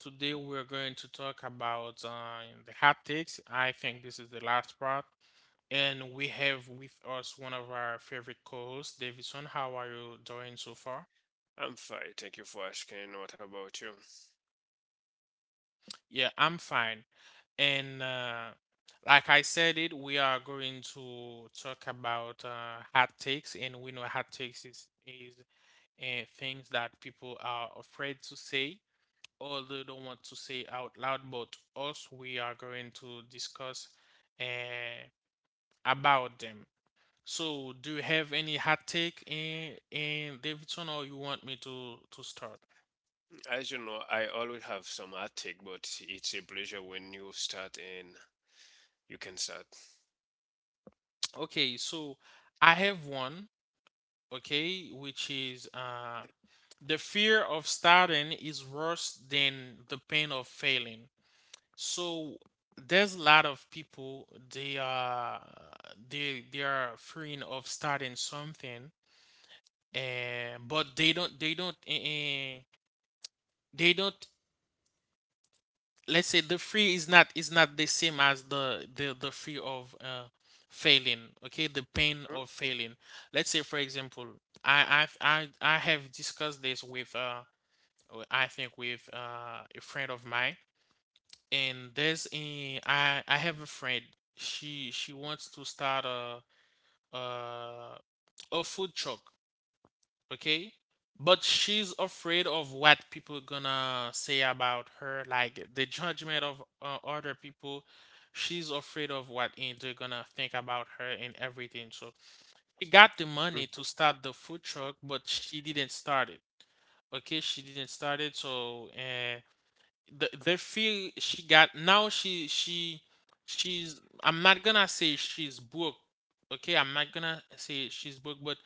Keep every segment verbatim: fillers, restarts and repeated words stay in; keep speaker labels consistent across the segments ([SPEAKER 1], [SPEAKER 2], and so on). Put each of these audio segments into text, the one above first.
[SPEAKER 1] today we're going to talk about uh, the hot takes. I think this is the last part. And we have with us one of our favorite co hosts, Davison. How are you doing so far?
[SPEAKER 2] I'm fine. Thank you for asking. What about you?
[SPEAKER 1] Yeah, I'm fine. And uh, like I said, it we are going to talk about uh, hot takes. And we know hot takes is, is uh, things that people are afraid to say. Although don't want to say out loud, but us, we are going to discuss uh, about them. So, do you have any hot take in in Davidson, or you want me to to start?
[SPEAKER 2] As you know, I always have some heartache, but it's a pleasure when you start and you can start.
[SPEAKER 1] Okay, so I have one, okay, which is uh the fear of starting is worse than the pain of failing. So there's a lot of people they are they they are fearing of starting something and but they don't they don't eh, eh, they don't, let's say the free is not is not the same as the the the free of uh failing, okay, the pain
[SPEAKER 2] hmm
[SPEAKER 1] of failing. Let's say for example, I I've, I I have discussed this with uh I think with uh a friend of mine, and there's a I I have a friend, she she wants to start a uh a food truck, okay? But she's afraid of what people gonna say about her, like the judgment of uh, other people. She's afraid of what and they're gonna think about her and everything. So she got the money to start the food truck, but she didn't start it. Okay, she didn't start it. So uh, the the fear she got now she she she's, I'm not gonna say she's broke. Okay, I'm not gonna say she's broke, but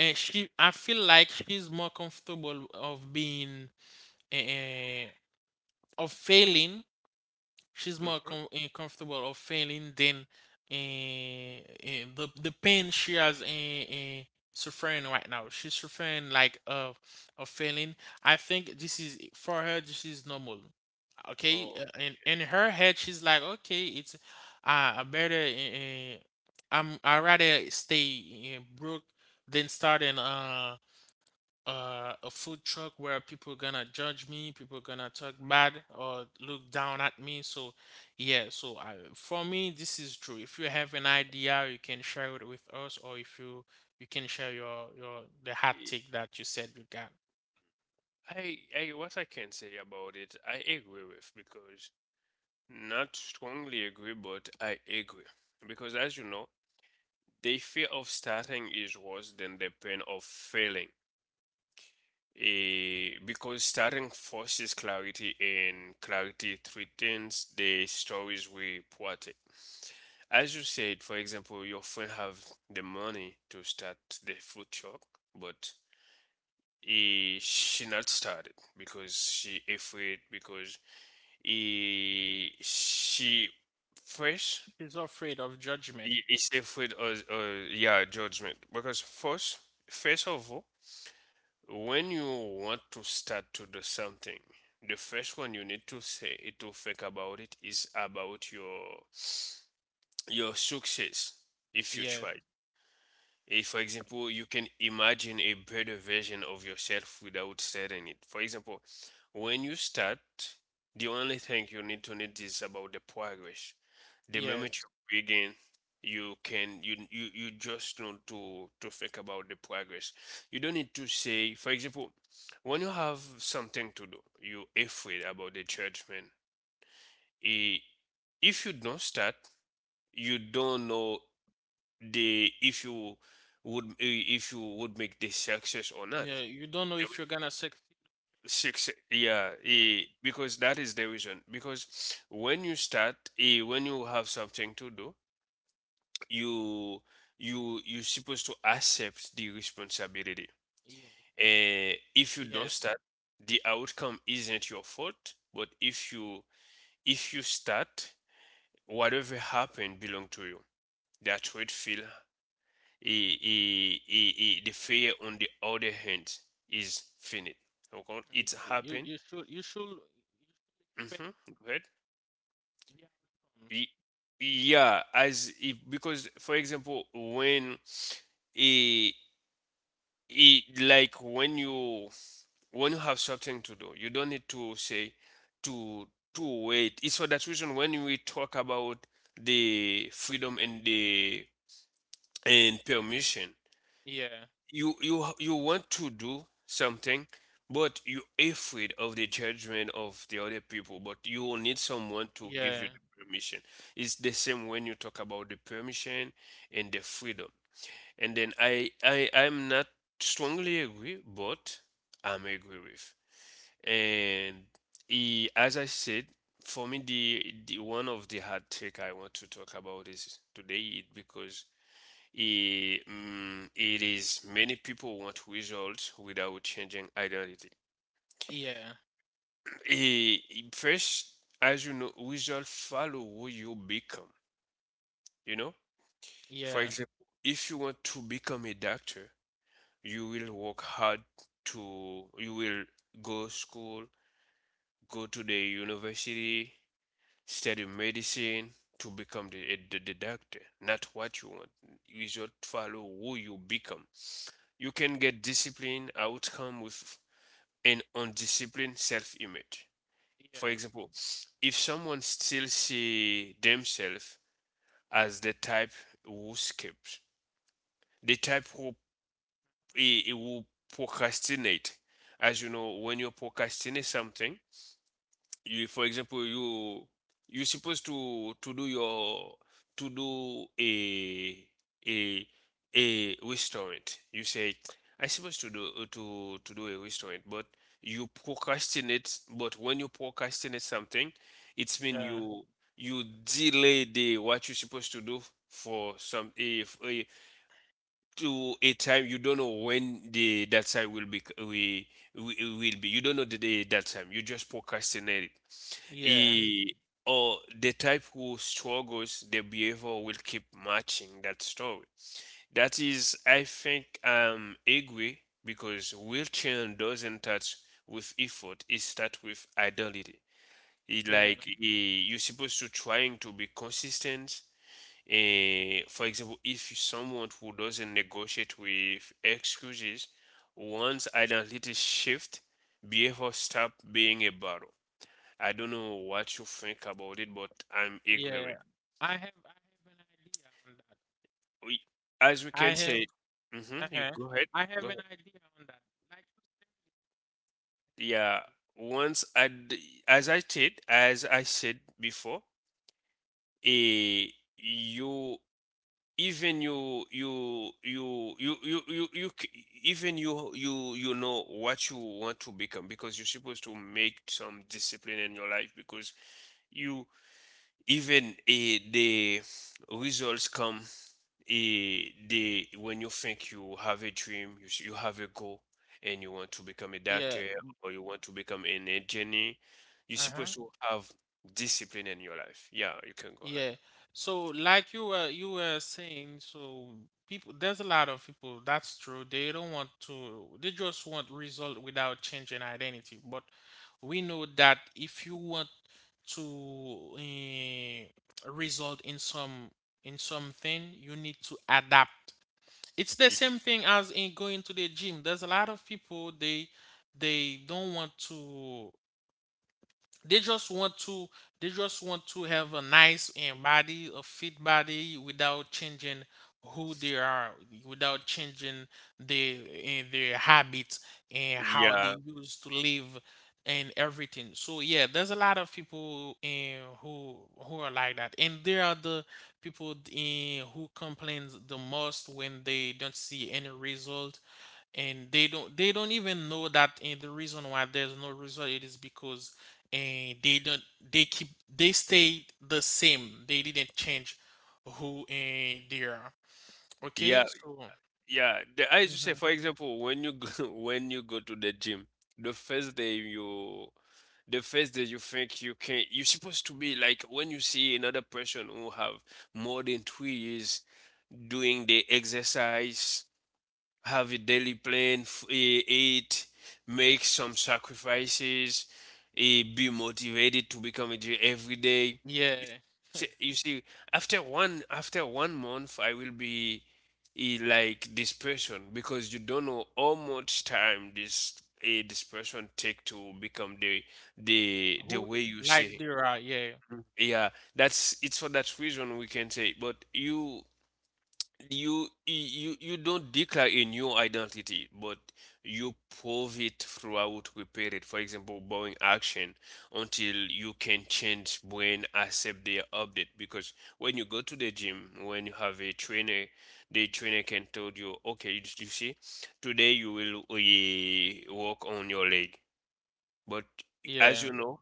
[SPEAKER 1] and she, I feel like she's more comfortable of being uh, of failing. She's more
[SPEAKER 2] hmm
[SPEAKER 1] com- eh, comfortable of failing than uh, the, the pain she has uh, uh, suffering right now. She's suffering like of of failing. I think this is, for her, this is normal. Okay.
[SPEAKER 2] Oh,
[SPEAKER 1] Uh, in, in her head she's like, okay, it's uh, I better uh, i'm i rather stay uh, broke than starting uh uh, a food truck where people gonna judge me, people gonna talk bad or look down at me. So yeah, so I, for me, this is true. If you have an idea, you can share it with us, or if you you can share your your the hot
[SPEAKER 2] okay.
[SPEAKER 1] take that you said you got.
[SPEAKER 2] I, I, what I can say about it, I agree with because not strongly agree, but I agree because as you know, the fear of starting is worse than the pain of failing. Eh, because starting forces clarity and clarity threatens the stories we protect. As you said, for example, your friend have the money to start the food truck, but he, she not started because she afraid because he, she first
[SPEAKER 1] He's afraid of judgment.
[SPEAKER 2] he is afraid of, uh, yeah, judgment because first first of all. When you want to start to do something, the first one you need to say it to think about it is about your your success if you
[SPEAKER 1] Yeah,
[SPEAKER 2] try. If, for example, you can imagine a better version of yourself without setting it. For example, when you start, the only thing you need to need is about the progress. The
[SPEAKER 1] yes,
[SPEAKER 2] moment you begin, you can you you, you just need to to think about the progress. You don't need to say, for example, when you have something to do, you afraid about the judgment. Eh, if you don't start, you don't know the if you would eh, if you would make the success or not.
[SPEAKER 1] yeah. You don't know
[SPEAKER 2] The re-
[SPEAKER 1] if you're gonna succeed.
[SPEAKER 2] Success, yeah,
[SPEAKER 1] Yeah,
[SPEAKER 2] eh, because that is the reason because when you start eh, when you have something to do you you you're supposed to accept the responsibility,
[SPEAKER 1] yes,
[SPEAKER 2] and if you don't
[SPEAKER 1] yes,
[SPEAKER 2] start the outcome isn't your fault, but if you if you start whatever happened belong to you. That's what it feel. i- i- i- the failure on the other hand is finite. Okay,
[SPEAKER 1] yeah.
[SPEAKER 2] it's
[SPEAKER 1] You
[SPEAKER 2] happened.
[SPEAKER 1] you should you should you should expect
[SPEAKER 2] Mm-hmm. Go ahead.
[SPEAKER 1] the outcomes.
[SPEAKER 2] Yeah, as if because for example, when it, it like when you when you have something to do, you don't need to say to to wait. It's for that reason when we talk about the freedom and the and permission
[SPEAKER 1] Yeah,
[SPEAKER 2] you you you want to do something but you're afraid of the judgment of the other people, but you will need someone to give
[SPEAKER 1] yeah,
[SPEAKER 2] you the permission. It's the same when you talk about the permission and the freedom. And then i i i'm not strongly agree, but I'm agree with. And he, as I said, for me the the one of the hard take I want to talk about is today it because Eh, mm, it is many people want results without changing identity.
[SPEAKER 1] yeah,
[SPEAKER 2] Eh, First, as you know, results follow who you become. You know, for
[SPEAKER 1] yeah.
[SPEAKER 2] example, if you want to become a doctor, you will work hard to, you will go school, go to the university, study medicine to become the, a- the, the doctor, not what you want. Result follow who you become. You can get discipline outcome with and undisciplined self-image. For
[SPEAKER 1] Yeah,
[SPEAKER 2] example, if someone still see themselves as the type who skips, the type who eh, who procrastinate, as you know, when you procrastinate something, you for example you you're supposed to to do your to do a a a restaurant you say I supposed to do uh, to to do a restaurant but you procrastinate. But when you procrastinate something it's mean
[SPEAKER 1] yeah,
[SPEAKER 2] you you delay the what you're supposed to do for some if uh, to a time you don't know when the that time will be we will will be you don't know the day that time you just procrastinate it.
[SPEAKER 1] yeah,
[SPEAKER 2] Eh, or the type who struggles their behavior will keep matching that story. That is I think um agree because real change doesn't start with effort, it starts with identity. It
[SPEAKER 1] yeah,
[SPEAKER 2] like eh, you're supposed to trying to be consistent. Eh, for example, if someone who doesn't negotiate with excuses, once identity shift, behavior stop being a battle. I don't know what you think about it, but I'm agree
[SPEAKER 1] yeah.
[SPEAKER 2] with.
[SPEAKER 1] I have I have an idea on that.
[SPEAKER 2] We, as we
[SPEAKER 1] I
[SPEAKER 2] can say,
[SPEAKER 1] have
[SPEAKER 2] hmm, you
[SPEAKER 1] uh-huh.
[SPEAKER 2] go ahead,
[SPEAKER 1] I have
[SPEAKER 2] go
[SPEAKER 1] an
[SPEAKER 2] ahead.
[SPEAKER 1] idea on that. Like you
[SPEAKER 2] Yeah, once I, d- as I said, as I said before, eh, you even you you you you you you, you c- even you you you know what you want to become because you're supposed to make some discipline in your life because you even eh, the results come, eh, the when you think you have a dream you, s- you have a goal and you want to become a
[SPEAKER 1] said- yeah,
[SPEAKER 2] doctor or you want to become an engineer you're
[SPEAKER 1] uh-huh.
[SPEAKER 2] supposed to have discipline in your life. Yeah, you can go ahead.
[SPEAKER 1] Yeah. So like you were you were saying, so people, there's a lot of people, that's true. They don't want to, they just want result without changing identity. But we know that if you want to eh, result in some in something, you need to adapt. It's the
[SPEAKER 2] Y-
[SPEAKER 1] same thing as in going to the gym. There's a lot of people, they they don't want to, they just want to, they just want to have a nice and body, a fit body, without changing who they are, without changing their eh, their habits and how
[SPEAKER 2] yeah
[SPEAKER 1] they used to live and everything. So yeah, there's a lot of people in who who are like that, and there are the people in who complains the most when they don't see any result, and they don't, they don't even know that, and the reason why there's no result, it is because and they don't, they keep, they stay the same, they didn't change who and they are,
[SPEAKER 2] yeah.
[SPEAKER 1] okay, so
[SPEAKER 2] Yeah, the, I used to say,
[SPEAKER 1] mhm,
[SPEAKER 2] for example, when you go, when you go to the gym, the first day you, the first day you think you can, you're supposed to be like when you see another person who have more than three years doing the exercise, have a daily plan, f- eh, eat, make some sacrifices, eh, be motivated to become a J every day. You
[SPEAKER 1] yeah,
[SPEAKER 2] see, you see, after one after one month, I will be eh, like this person because you don't know how much time this eh, this person take to become the the the
[SPEAKER 1] who
[SPEAKER 2] way you
[SPEAKER 1] they, like
[SPEAKER 2] say.
[SPEAKER 1] they are, yeah,
[SPEAKER 2] Yeah, that's it's for that reason we can say, but you you you you don't declare a new identity, but you prove it throughout repair it. For example, borrowing action until you can change when accept their update. Because when you go to the gym, when you have a trainer, the trainer can tell you, okay, you, you see, today you will eh, work on your leg. But as
[SPEAKER 1] yeah,
[SPEAKER 2] you know,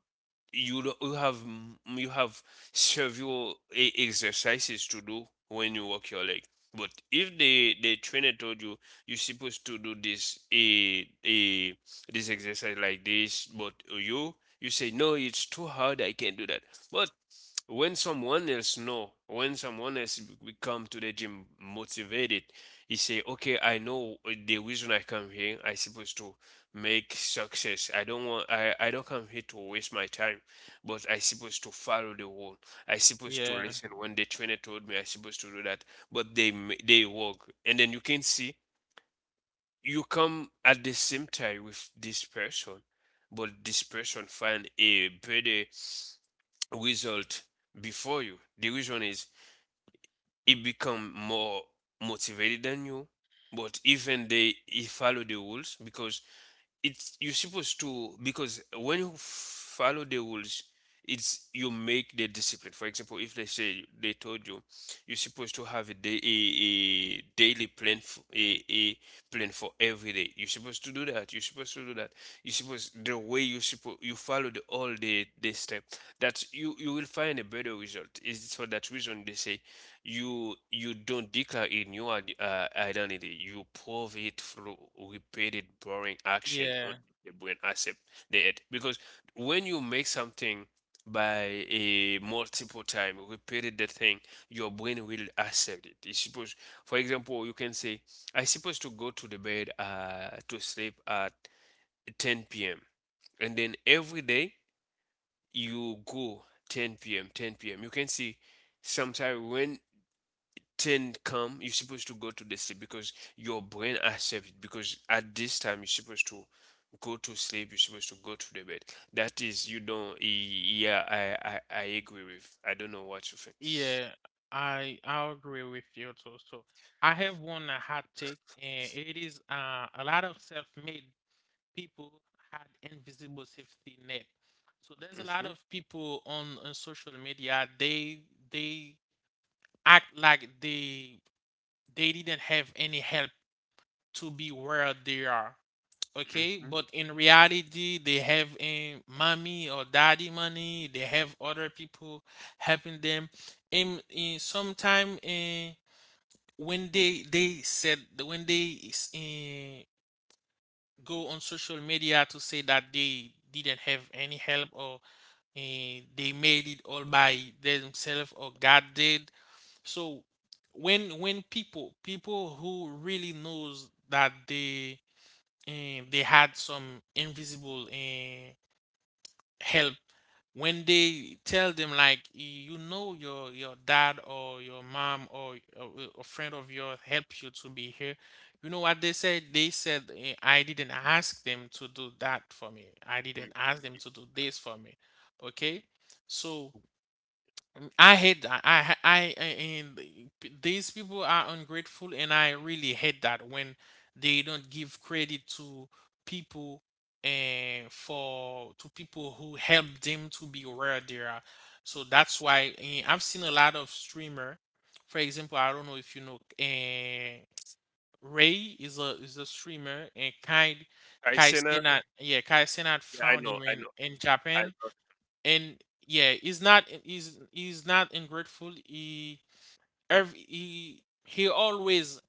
[SPEAKER 2] you don't- you have mm, you have several e- exercises to do when you walk your leg. But if the the trainer told you you're supposed to do this a a this exercise like this, but you you say no, it's too hard, I can't do that. But when someone else know, when someone else b- we come to the gym motivated, he say, okay, I know the reason I come here. I supposed to make success. I don't want I, I don't come here to waste my time. But I supposed to follow the rule. I supposed to
[SPEAKER 1] yeah,
[SPEAKER 2] listen when the trainer told me I supposed to do that. But they ma- they work, and then you can see you come at the same time with this person, but this person find a better result before you. The reason is he become more motivated than you, but even they he follow the rules because it's you're supposed to because when you follow the rules it's you make the discipline. For example, if they say they told you you're supposed to have a day a, a daily plan for, a, a plan for every day you're supposed to do that you're supposed to do that you're supposed the way you supposed you follow the all the the step that you you will find a better result. Is for that reason they say you you don't declare a new id- uh, identity. You prove it through repeated boring action on
[SPEAKER 1] yeah,
[SPEAKER 2] the brain accept it. Because when you make something by a multiple time repeated the thing, your brain will accept it. You suppose, for example, you can say, "I supposed to go to the bed uh, to sleep at ten p m" And then every day you go ten p m ten p m. You can see sometimes when ten come you're supposed to go to the sleep because your brain accepts it because at this time you're supposed to go to sleep you're supposed to go to the bed. That is you don't yeah i i, I agree with. I don't know what you think.
[SPEAKER 1] yeah. I i agree with you too. So I have one hot take, and it is uh, a lot of self-made people had invisible safety net. So there's a lot
[SPEAKER 2] hmm
[SPEAKER 1] of people on, on social media, they they act like they they didn't have any help to be where they are. Okay,
[SPEAKER 2] hmm
[SPEAKER 1] but in reality, they have a mommy or daddy money. They have other people helping them. In, in sometime in when they they said when they is eh, go on social media to say that they didn't have any help or eh, they made it all by themselves or God did. So when when people, people who really knows that they eh, they had some invisible eh, help, when they tell them like, you know, your your dad or your mom or a, a friend of yours helped you to be here, you know what they said? They said eh, I didn't ask them to do that for me, I didn't
[SPEAKER 2] mm
[SPEAKER 1] ask them to do this for me. Okay. So I hate that. I, I, I, and these people are ungrateful, and I really hate that when they don't give credit to people and for to people who help them to be where they are. So that's why eh, I've seen a lot of streamer. For example, I don't know if you know, uh, Ray is a is a streamer, and Kai, Kai
[SPEAKER 2] Aisena,
[SPEAKER 1] Cenat, yeah, Kai Cenat
[SPEAKER 2] yeah, I
[SPEAKER 1] found
[SPEAKER 2] know,
[SPEAKER 1] him
[SPEAKER 2] I
[SPEAKER 1] in
[SPEAKER 2] know,
[SPEAKER 1] in
[SPEAKER 2] I
[SPEAKER 1] Japan,
[SPEAKER 2] know.
[SPEAKER 1] and yeah he's not, he's he's not ungrateful, he every, he he always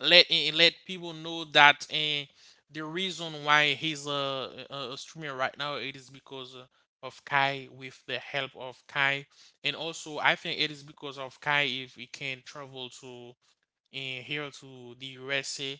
[SPEAKER 1] let eh, let people know that eh, the reason why he's a, a a streamer right now it is because uh, of Kai, with the help of Kai. And also I think it is because of Kai if he can travel to and here to the U S A.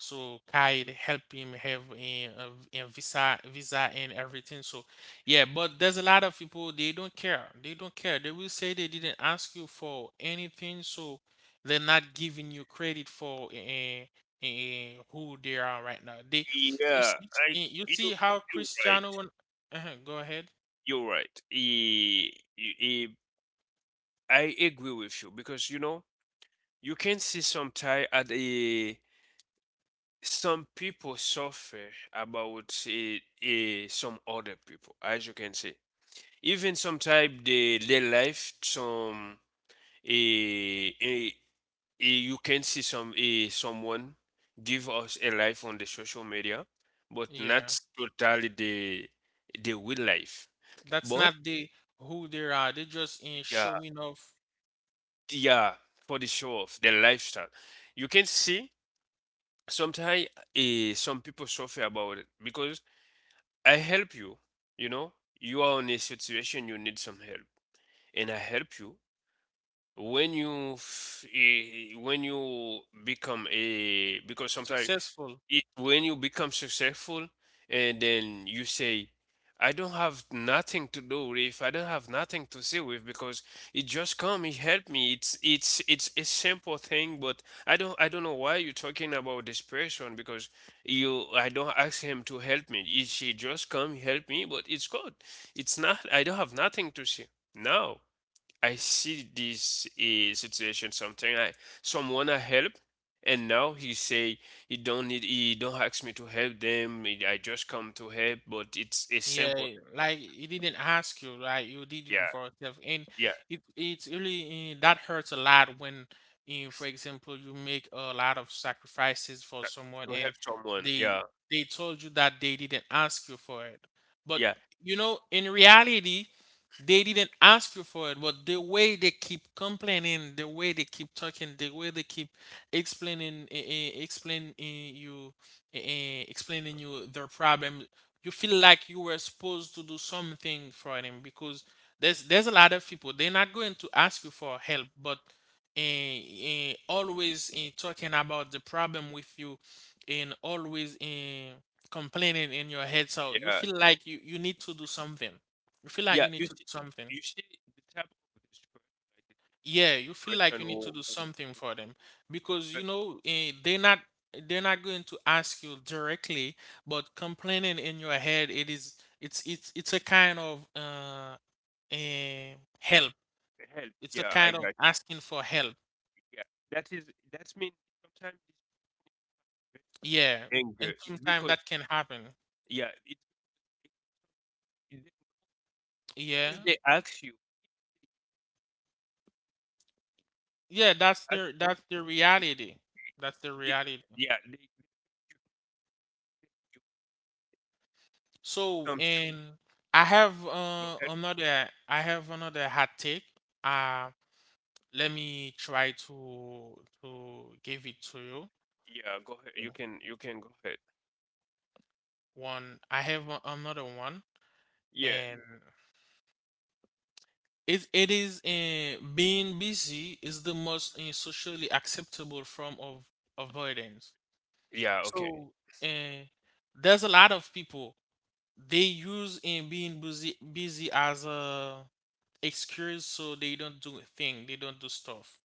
[SPEAKER 1] So Kyle help him have a a a visa, visa and everything. So yeah, but there's a lot of people, they don't care. They don't care. They will say they didn't ask you for anything, so they're not giving you credit for uh, uh, who they are right now. They, you
[SPEAKER 2] Yeah,
[SPEAKER 1] see,
[SPEAKER 2] I
[SPEAKER 1] you
[SPEAKER 2] you
[SPEAKER 1] see how
[SPEAKER 2] you're
[SPEAKER 1] Cristiano
[SPEAKER 2] right,
[SPEAKER 1] won- uh, go ahead.
[SPEAKER 2] you're right. Eh, you- eh, I agree with you because you know you can see some tie at a some people suffer about eh, eh, some other people, as you can see. Even sometimes they their life, some eh, eh, eh, you can see some eh, someone give us a life on the social media, but
[SPEAKER 1] Yeah,
[SPEAKER 2] not totally the the real life.
[SPEAKER 1] that's
[SPEAKER 2] But
[SPEAKER 1] not the who they are. They're just in
[SPEAKER 2] yeah,
[SPEAKER 1] showing off.
[SPEAKER 2] yeah, for the show off, the lifestyle, you can see sometimes eh, some people suffer about it because I help you. You know, you are in a situation you need some help, and I help you. When you f- eh, when you become a because sometimes
[SPEAKER 1] Successful.
[SPEAKER 2] it's when you become successful and then you say, I don't have nothing to do with, I don't have nothing to see with because it just come, it helped me. It's it's it's a simple thing, but I don't I don't know why you're talking about this person because you I don't ask him to help me. He, she just come help me, but it's good. It's not I don't have nothing to see. No. I see this eh, situation, something I... someone I help, and now he say he don't need, he don't ask me to help them. eh, I just come to help, but it's a
[SPEAKER 1] Yeah,
[SPEAKER 2] simple...
[SPEAKER 1] like he didn't ask you, like you did it
[SPEAKER 2] yeah,
[SPEAKER 1] for yourself, and
[SPEAKER 2] yeah.
[SPEAKER 1] it it's really uh, that hurts a lot when, uh, for example, you make a lot of sacrifices for
[SPEAKER 2] that-
[SPEAKER 1] someone,
[SPEAKER 2] to
[SPEAKER 1] and
[SPEAKER 2] help someone.
[SPEAKER 1] they
[SPEAKER 2] Yeah,
[SPEAKER 1] they told you that they didn't ask you for it, but
[SPEAKER 2] yeah,
[SPEAKER 1] you know, in reality, they didn't ask you for it, but the way they keep complaining, the way they keep talking, the way they keep explaining, uh, explaining you, uh, explaining you their problem, you feel like you were supposed to do something for them because there's there's a lot of people, they're not going to ask you for help but uh, uh, always eh, talking about the problem with you and always eh, complaining in your head, so you
[SPEAKER 2] yeah,
[SPEAKER 1] feel like you, you need to do something, you feel like
[SPEAKER 2] yeah.
[SPEAKER 1] you need
[SPEAKER 2] you
[SPEAKER 1] to do
[SPEAKER 2] see
[SPEAKER 1] something,
[SPEAKER 2] you see the type of this person,
[SPEAKER 1] yeah,
[SPEAKER 2] like
[SPEAKER 1] you
[SPEAKER 2] this
[SPEAKER 1] feel like
[SPEAKER 2] person
[SPEAKER 1] you need to
[SPEAKER 2] who,
[SPEAKER 1] do
[SPEAKER 2] who,
[SPEAKER 1] something for them because
[SPEAKER 2] who who
[SPEAKER 1] you know eh, they're not, they're not going to ask you directly, but complaining in your head, it is, it's it's it's a kind of uh, eh, help.
[SPEAKER 2] help.
[SPEAKER 1] It's a
[SPEAKER 2] Yeah, I
[SPEAKER 1] kind
[SPEAKER 2] got
[SPEAKER 1] of
[SPEAKER 2] you.
[SPEAKER 1] asking for help.
[SPEAKER 2] Yeah, that is... that means sometimes it's
[SPEAKER 1] Yeah,
[SPEAKER 2] anger,
[SPEAKER 1] and
[SPEAKER 2] it's
[SPEAKER 1] sometimes
[SPEAKER 2] because
[SPEAKER 1] that can happen.
[SPEAKER 2] yeah it. If
[SPEAKER 1] Yeah,
[SPEAKER 2] they ask you,
[SPEAKER 1] yeah, that's
[SPEAKER 2] ask
[SPEAKER 1] their,
[SPEAKER 2] you,
[SPEAKER 1] that's the reality. That's the
[SPEAKER 2] they,
[SPEAKER 1] reality.
[SPEAKER 2] yeah, they, you, you
[SPEAKER 1] So
[SPEAKER 2] come straight.
[SPEAKER 1] and I have
[SPEAKER 2] Go
[SPEAKER 1] uh,
[SPEAKER 2] ahead.
[SPEAKER 1] another, I have another hot take. Uh. Let me try to to give it to you.
[SPEAKER 2] Yeah, go ahead. You can, you can go ahead.
[SPEAKER 1] One, I have a- another one,
[SPEAKER 2] Yeah,
[SPEAKER 1] and it it is uh, being busy is the most uh, socially acceptable form of avoidance.
[SPEAKER 2] yeah, okay.
[SPEAKER 1] So uh, there's a lot of people they use in being busy busy as a excuse, so they don't do a thing, they don't do stuff.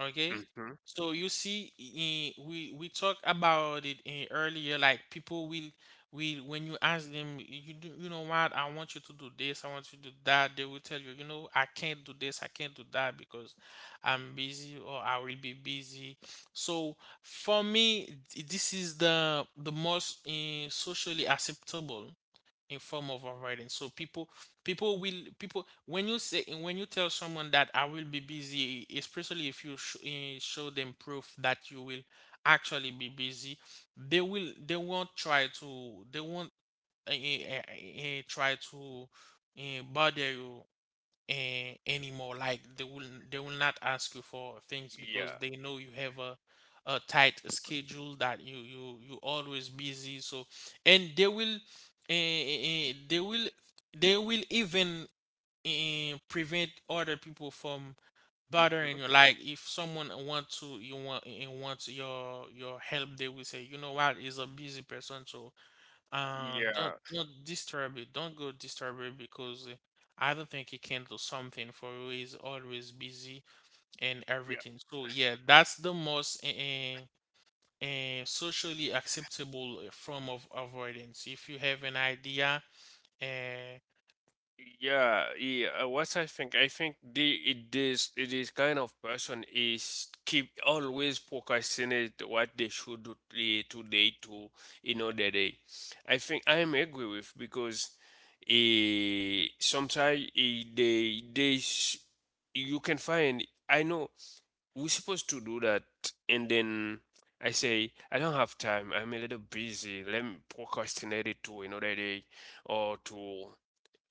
[SPEAKER 1] Okay.
[SPEAKER 2] Hmm.
[SPEAKER 1] So you see, eh, we we talk about it eh, earlier. Like people will will when you ask them, you do, you know what? I want you to do this. I want you to do that. They will tell you, you know, I can't do this, I can't do that because I'm busy or I will be busy. So for me, th- this is the the most eh, socially acceptable in form of writing. So people, people will, people, when you say, when you tell someone that I will be busy, especially if you sh- eh, show them proof that you will actually be busy, they will, they won't try to, they won't uh, try to uh, bother you a- anymore. Like they will, they will not ask you for things because
[SPEAKER 2] Yeah.
[SPEAKER 1] they know you have a a tight schedule, that you you you always busy. So and they will uh, they will, they will even uh, prevent other people from
[SPEAKER 2] Hmm.
[SPEAKER 1] bothering you. Like if someone want to, you want eh, eh, wants your your help, they will say, you know what, is a busy person, so uh, don't
[SPEAKER 2] Yeah,
[SPEAKER 1] don't disturb it. Don't go disturb it because uh, I don't think he can do something for you. He's always busy and
[SPEAKER 2] yeah.
[SPEAKER 1] everything. So yeah, that's the most uh, uh, socially acceptable uh, form of avoidance. If you have an idea, uh,
[SPEAKER 2] Yeah, yeah. uh, What I think, I think the it is it is kind of person is keep always procrastinate what they should do eh, today, to another day. I think I am agree with, because eh, sometimes, eh, they they s- you can find, I know we're supposed to do that, and then I say I don't have time. I'm a little busy. Let me procrastinate it to another day, or to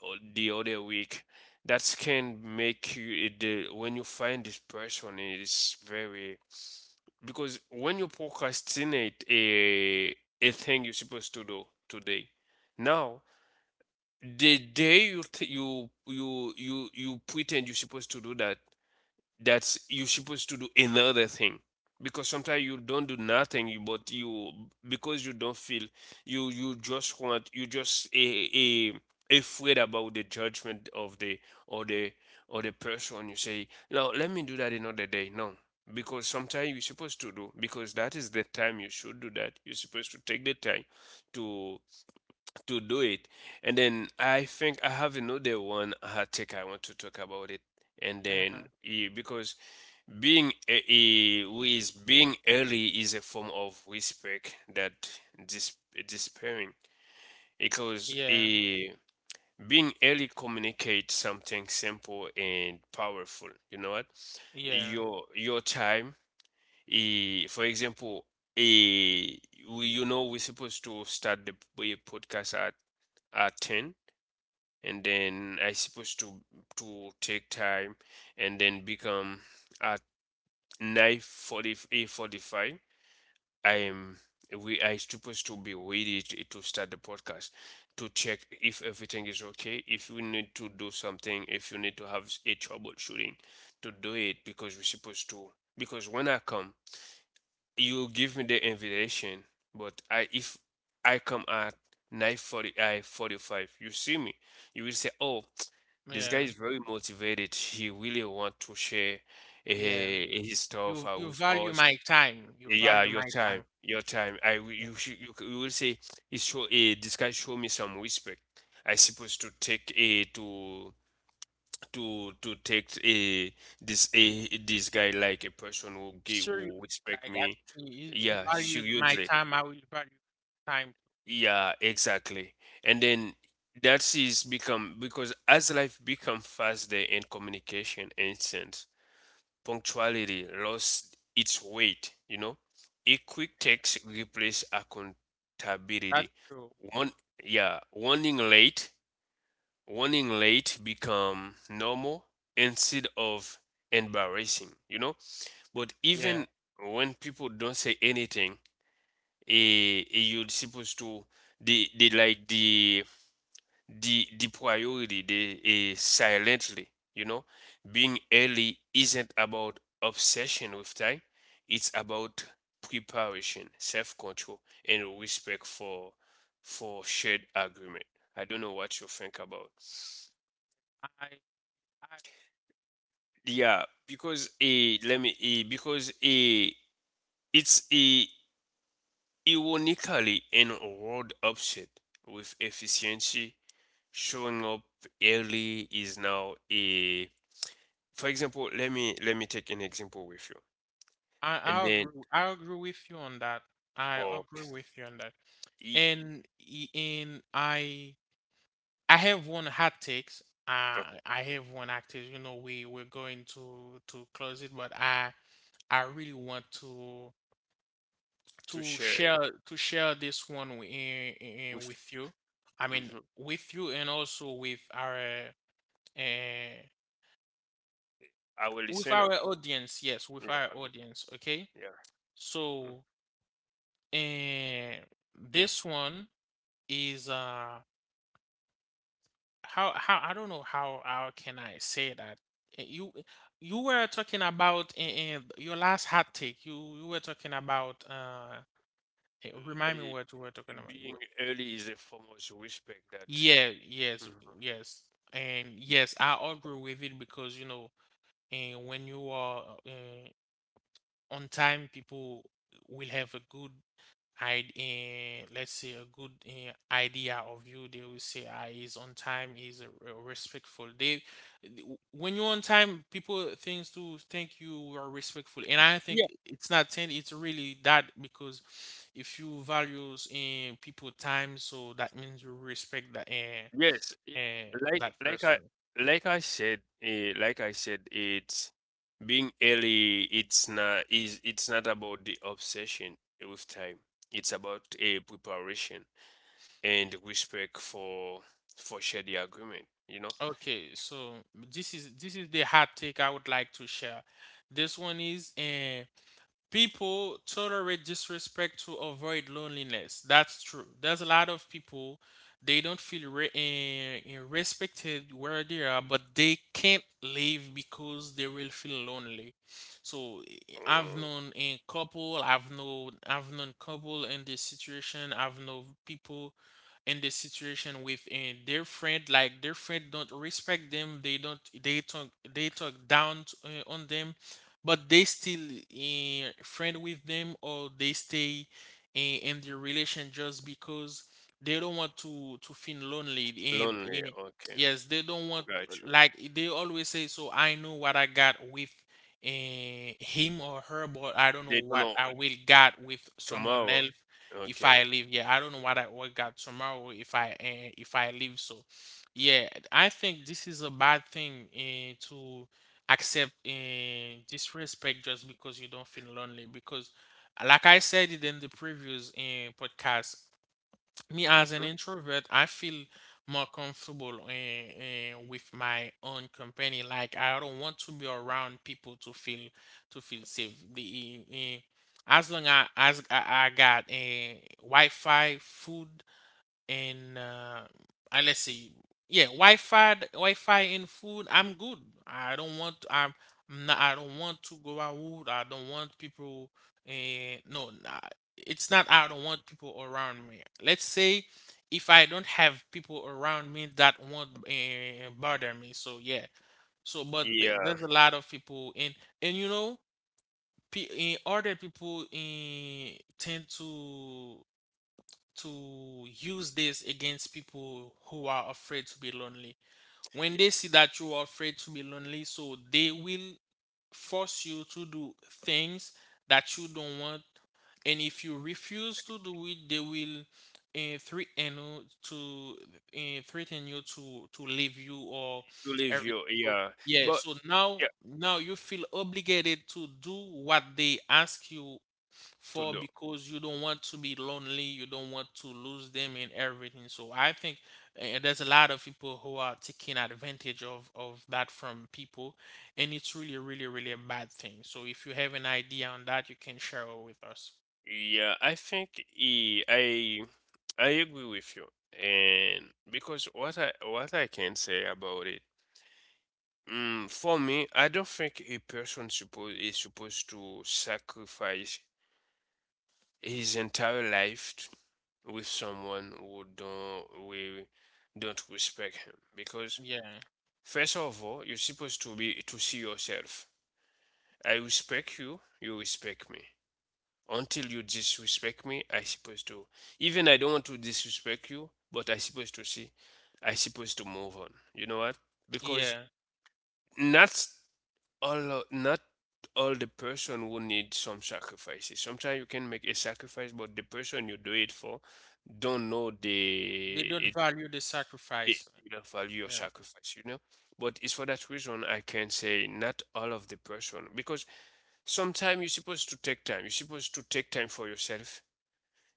[SPEAKER 2] o- the other week. That can make you it, the, when you find this person it is very... because when you procrastinate a a thing you're supposed to do today, now the day you th- you you you you pretend you're supposed to do that, that's you're supposed to do another thing. Because sometimes you don't do nothing, you- but you, because you don't feel... you you just want, you just a, a afraid about the judgment of the, or the, or the person. You say no, let me do that another day. No, because sometimes you're supposed to do, because that is the time you should do that, you're supposed to take the time to to do it. And then I think I have another one hot take I want to talk about it, and then
[SPEAKER 1] uh-huh.
[SPEAKER 2] yeah, because being a, a- with being early is a form of respect, that dis, despairing. because
[SPEAKER 1] Yeah,
[SPEAKER 2] a, being early communicates something simple and powerful. You know what?
[SPEAKER 1] yeah,
[SPEAKER 2] Your your time. Eh, for example, a, we, you know we're supposed to start the p- podcast at at ten, and then I supposed to to take time, and then become at nine forty-eight, forty-five. I'm we I supposed to be ready to, to start the podcast, to check if everything is okay, if you need to do something, if you need to have a troubleshooting to do it, because we're supposed to... because when I come, you give me the invitation, but I if I come at nine forty I forty-five, you see me, you will say, "Oh, this guy
[SPEAKER 1] yeah,
[SPEAKER 2] is very motivated. He really want to share uh,
[SPEAKER 1] yeah.
[SPEAKER 2] his stuff
[SPEAKER 1] You
[SPEAKER 2] uh,
[SPEAKER 1] you
[SPEAKER 2] with
[SPEAKER 1] value
[SPEAKER 2] us."
[SPEAKER 1] my time. You
[SPEAKER 2] Yeah,
[SPEAKER 1] value
[SPEAKER 2] your
[SPEAKER 1] my
[SPEAKER 2] time,
[SPEAKER 1] time.
[SPEAKER 2] your time. I w- you
[SPEAKER 1] Mhm.
[SPEAKER 2] should you, c- you will say, he show, eh, this guy show me some respect. I supposed to take a to to to take a, this a this guy, like a person who give, who
[SPEAKER 1] Seriously,
[SPEAKER 2] respect
[SPEAKER 1] like I,
[SPEAKER 2] me.
[SPEAKER 1] you, you
[SPEAKER 2] Yeah,
[SPEAKER 1] value my
[SPEAKER 2] seriously.
[SPEAKER 1] time. I will value time.
[SPEAKER 2] Yeah, exactly. And then, that is become because as life become faster and communication instant, punctuality lost its weight, you know. A quick
[SPEAKER 1] Yeah,
[SPEAKER 2] text replaced
[SPEAKER 1] that's
[SPEAKER 2] accountability.
[SPEAKER 1] true.
[SPEAKER 2] One, yeah, warning late, warning late become normal instead of embarrassing, you know. But
[SPEAKER 1] Yeah,
[SPEAKER 2] even when people don't say anything, eh, eh, you're supposed to, they, they like the the the priority they is silently, you know. Being early isn't about obsession with time, it's about preparation, self-control, and respect for for shared agreement. I don't know what you think about.
[SPEAKER 1] I
[SPEAKER 2] Yeah, because a let me, eh, because a it's a ironically in a world upset with efficiency, showing up early is now a... For example, let me let me take an example with you,
[SPEAKER 1] I I
[SPEAKER 2] and
[SPEAKER 1] I
[SPEAKER 2] then,
[SPEAKER 1] agree I agree with you on that. I
[SPEAKER 2] or
[SPEAKER 1] agree with you on that.
[SPEAKER 2] e
[SPEAKER 1] And i- in I I have one hot takes.
[SPEAKER 2] okay,
[SPEAKER 1] I I have one hot. You know, we we're going to to close it, but I I really want to
[SPEAKER 2] to
[SPEAKER 1] to
[SPEAKER 2] share it
[SPEAKER 1] share to share this one wi- in, in,
[SPEAKER 2] with,
[SPEAKER 1] with you. I mean,
[SPEAKER 2] mhm,
[SPEAKER 1] with you and also with our uh,
[SPEAKER 2] our
[SPEAKER 1] with our
[SPEAKER 2] listener.
[SPEAKER 1] audience. Yes, with
[SPEAKER 2] Yeah,
[SPEAKER 1] our
[SPEAKER 2] w-
[SPEAKER 1] audience. Okay,
[SPEAKER 2] yeah. Mm.
[SPEAKER 1] so. And this one is uh how how I don't know how how can I say that. Eh, you you were talking about in, your last hot take. You you were talking about uh eh,
[SPEAKER 2] Uh,
[SPEAKER 1] remind me
[SPEAKER 2] I,
[SPEAKER 1] what you were talking about. You
[SPEAKER 2] being
[SPEAKER 1] were-
[SPEAKER 2] early is a form of respect that.
[SPEAKER 1] yeah, yes,
[SPEAKER 2] Mhm.
[SPEAKER 1] yes, and yes, I agree with it because you know, and when you are uh, on time, people will have a good, I, uh, let's say, a good uh, idea of you. They will say, ah, he's on time, he's uh, re- respectful. They, when you're on time, people things to think you are respectful, and I think
[SPEAKER 2] Yeah.
[SPEAKER 1] it's not ten, it's really that because if you values in people time, so that means you respect that
[SPEAKER 2] Yes. Yeah.
[SPEAKER 1] uh, uh,
[SPEAKER 2] Like
[SPEAKER 1] that
[SPEAKER 2] like
[SPEAKER 1] person.
[SPEAKER 2] I like I said, uh, like I said it's being early. It's not is it's not about the obsession with time. It's about a preparation and respect for for share the agreement, you know.
[SPEAKER 1] Okay, so this is this is the hot take I would like to share. This one is uh, people tolerate disrespect to avoid loneliness. That's true. There's a lot of people, they don't feel re- eh, eh, respected where they are, but they can't leave because they will feel lonely. So eh, I've
[SPEAKER 2] Mm,
[SPEAKER 1] known a couple, I've known I've known couple in this situation, I've known people in the situation with uh, their friend. Like their friend don't respect them, they don't, they talk they talk down t- uh, on them, but they still eh, friend with them, or they stay in, in the relation just because they don't want to to feel lonely and,
[SPEAKER 2] lonely,
[SPEAKER 1] and
[SPEAKER 2] okay.
[SPEAKER 1] yes, they don't want,
[SPEAKER 2] Got you.
[SPEAKER 1] like they always say, so I know what I got with eh, him or her, but I don't know
[SPEAKER 2] They don't
[SPEAKER 1] what
[SPEAKER 2] know
[SPEAKER 1] I will got with someone
[SPEAKER 2] tomorrow.
[SPEAKER 1] else if I
[SPEAKER 2] Okay.
[SPEAKER 1] leave. Yeah, I don't know what I will got tomorrow if I eh, if I leave. So yeah, I think this is a bad thing eh, to accept uh, disrespect just because you don't feel lonely. Because, like I said it in the previous uh, podcast, me as an
[SPEAKER 2] Hmm.
[SPEAKER 1] introvert, I feel more comfortable uh, uh, with my own company. Like, I don't want to be around people to feel to feel safe. The eh, eh, as long as, as I, I got uh, Wi-Fi, food, and uh, uh, let's see, yeah, Wi-Fi, Wi-Fi and food. I'm good. I don't want. I'm. I'm not, I don't want to go out. I don't want people. Uh, no, nah, it's not. I don't want people around me. Let's say if I don't have people around me, that won't uh, bother me. So yeah. So but th-
[SPEAKER 2] Yeah,
[SPEAKER 1] there's a lot of people in, and you know. pe- eh, Other people eh, tend to to use this against people who are afraid to be lonely. When
[SPEAKER 2] yeah.
[SPEAKER 1] they see that you are afraid to be lonely, so they will force you to do things that you don't want, and if you refuse to do it, they will uh, threaten you to uh, threaten you to to leave you or
[SPEAKER 2] To leave
[SPEAKER 1] everything.
[SPEAKER 2] you,
[SPEAKER 1] So,
[SPEAKER 2] yeah.
[SPEAKER 1] yeah,
[SPEAKER 2] But
[SPEAKER 1] so now,
[SPEAKER 2] yeah.
[SPEAKER 1] now you feel obligated to do what they ask you
[SPEAKER 2] To
[SPEAKER 1] for,
[SPEAKER 2] do.
[SPEAKER 1] because you don't want to be lonely, you don't want to lose them and everything. So I think uh, there's a lot of people who are taking advantage of of that from people, and it's really, really, really a bad thing. So if you have an idea on that, you can share it with us.
[SPEAKER 2] Yeah, I think eh, i I agree with you. And because, what i what I can say about it... Mm, for me, I don't think a person supposed is supposed to sacrifice his entire life with someone who don't, we don't respect him. Because,
[SPEAKER 1] Yeah,
[SPEAKER 2] first of all, you're supposed to be, to see yourself: I respect you, you respect me. Until you disrespect me, I supposed to, even I don't want to disrespect you, but I supposed to see, I supposed to move on, you know what. Because
[SPEAKER 1] yeah.
[SPEAKER 2] not all o- not all the person will need some sacrifices. Sometimes you can make a sacrifice, but the person you do it for don't know
[SPEAKER 1] They
[SPEAKER 2] the
[SPEAKER 1] don't
[SPEAKER 2] it,
[SPEAKER 1] value the
[SPEAKER 2] it,
[SPEAKER 1] sacrifice.
[SPEAKER 2] the value of
[SPEAKER 1] Yeah,
[SPEAKER 2] sacrifice, you know. But it's for that reason I can say not all of the person, because sometimes you're supposed to take time. You're supposed to take time for yourself.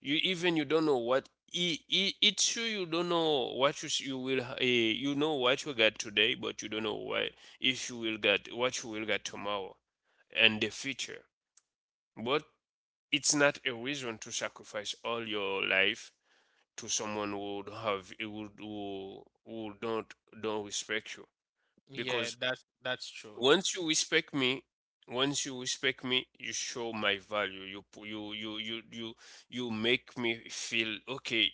[SPEAKER 2] You even, you don't know what it, it, it's true, you don't know what you, s- you will, uh, you know what you got today, but you don't know what, if you will get, what you will get tomorrow and the future. But it's not a reason to sacrifice all your life to someone who would have, who would, who, who don't don't respect you.
[SPEAKER 1] yeah.
[SPEAKER 2] Because
[SPEAKER 1] That's that's true.
[SPEAKER 2] once you respect me, once you respect me you show my value, you pu- you you you you you make me feel okay,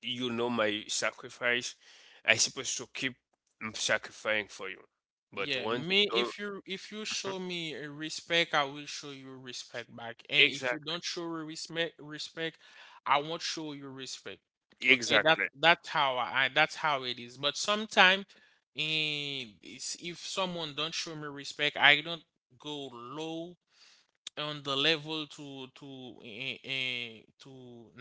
[SPEAKER 2] you know my sacrifice. I supposed to keep, mm, sacrificing for you. But
[SPEAKER 1] Yeah,
[SPEAKER 2] once
[SPEAKER 1] me.
[SPEAKER 2] you
[SPEAKER 1] If you if you
[SPEAKER 2] don't,
[SPEAKER 1] show me uh, respect, I will show you respect back. And if you
[SPEAKER 2] exactly,
[SPEAKER 1] don't show respect, respect, I won't show you respect. Okay, that
[SPEAKER 2] exactly.
[SPEAKER 1] that's how I, that's how it is. But sometimes, if someone don't show me respect, I don't go low on the level to to eh, eh, to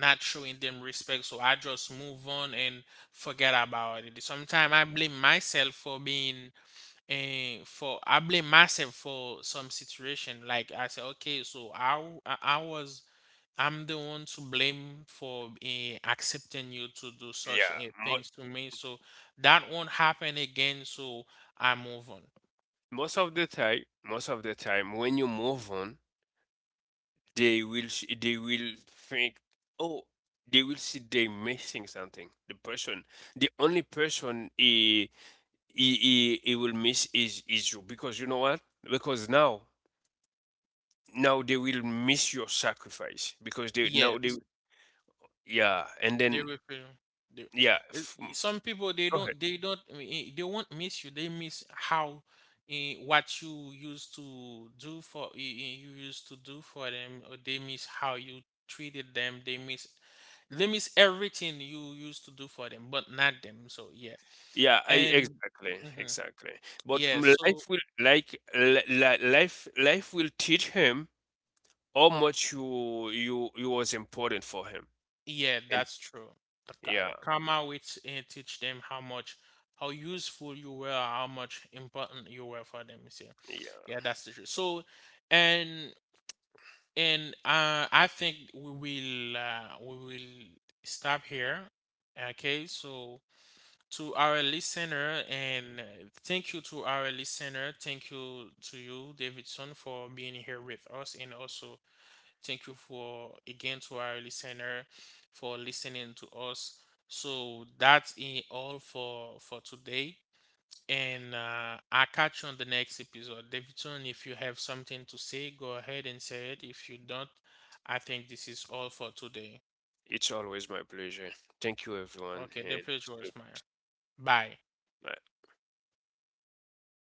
[SPEAKER 1] not showing them respect, so I just move on and forget about it. Sometimes I blame myself for being eh, for I blame myself for some situation. Like I say, okay, so i w- i, I was, I'm the one to blame for eh, accepting you to do such
[SPEAKER 2] Yeah.
[SPEAKER 1] eh,
[SPEAKER 2] Mo-
[SPEAKER 1] things to me, so that won't happen again, so I move on.
[SPEAKER 2] most of the time, most of the time when you move on, they will s- they will think, oh, they will see they missing something. The person, the only person he, he, he, he will miss is is you, because you know what? Because now, now they will miss your sacrifice, because they now they,
[SPEAKER 1] Yes,
[SPEAKER 2] yeah, and
[SPEAKER 1] they
[SPEAKER 2] then,
[SPEAKER 1] will feel they,
[SPEAKER 2] yeah,
[SPEAKER 1] it-
[SPEAKER 2] f mm,
[SPEAKER 1] it- some people they
[SPEAKER 2] go ahead.
[SPEAKER 1] don't, they don't, I mean, eh, they won't miss you. They miss how eh, what you used to do for eh, eh, you used to do for them, or they miss how you treated them. They miss, they miss everything you used to do for them, but not them. So yeah,
[SPEAKER 2] Yeah, I
[SPEAKER 1] and
[SPEAKER 2] exactly,
[SPEAKER 1] mhm,
[SPEAKER 2] exactly. But
[SPEAKER 1] yeah.
[SPEAKER 2] m
[SPEAKER 1] So
[SPEAKER 2] life will, like li li life life will teach him how much you you you was important for him.
[SPEAKER 1] yeah,
[SPEAKER 2] And
[SPEAKER 1] that's true. The ka-
[SPEAKER 2] yeah,
[SPEAKER 1] karma, which uh, teach them how much, how useful you were, how much important you were for them. You see,
[SPEAKER 2] yeah,
[SPEAKER 1] yeah, that's the truth. So, and and uh, I think we will uh, we will stop here. Okay, so to our listener, and uh, thank you to our listener. Thank you to you, Davidson, for being here with us, and also thank you for, again, to our listener for listening to us. So that's it all for for today. And uh, I'll catch you on the next episode. Davidson, if you have something to say, go ahead and say it. If you don't, I think this is all for today.
[SPEAKER 2] it's always my pleasure. Thank you, everyone,
[SPEAKER 1] Okay, the
[SPEAKER 2] and
[SPEAKER 1] pleasure is
[SPEAKER 2] goodbye.
[SPEAKER 1] mine. Bye.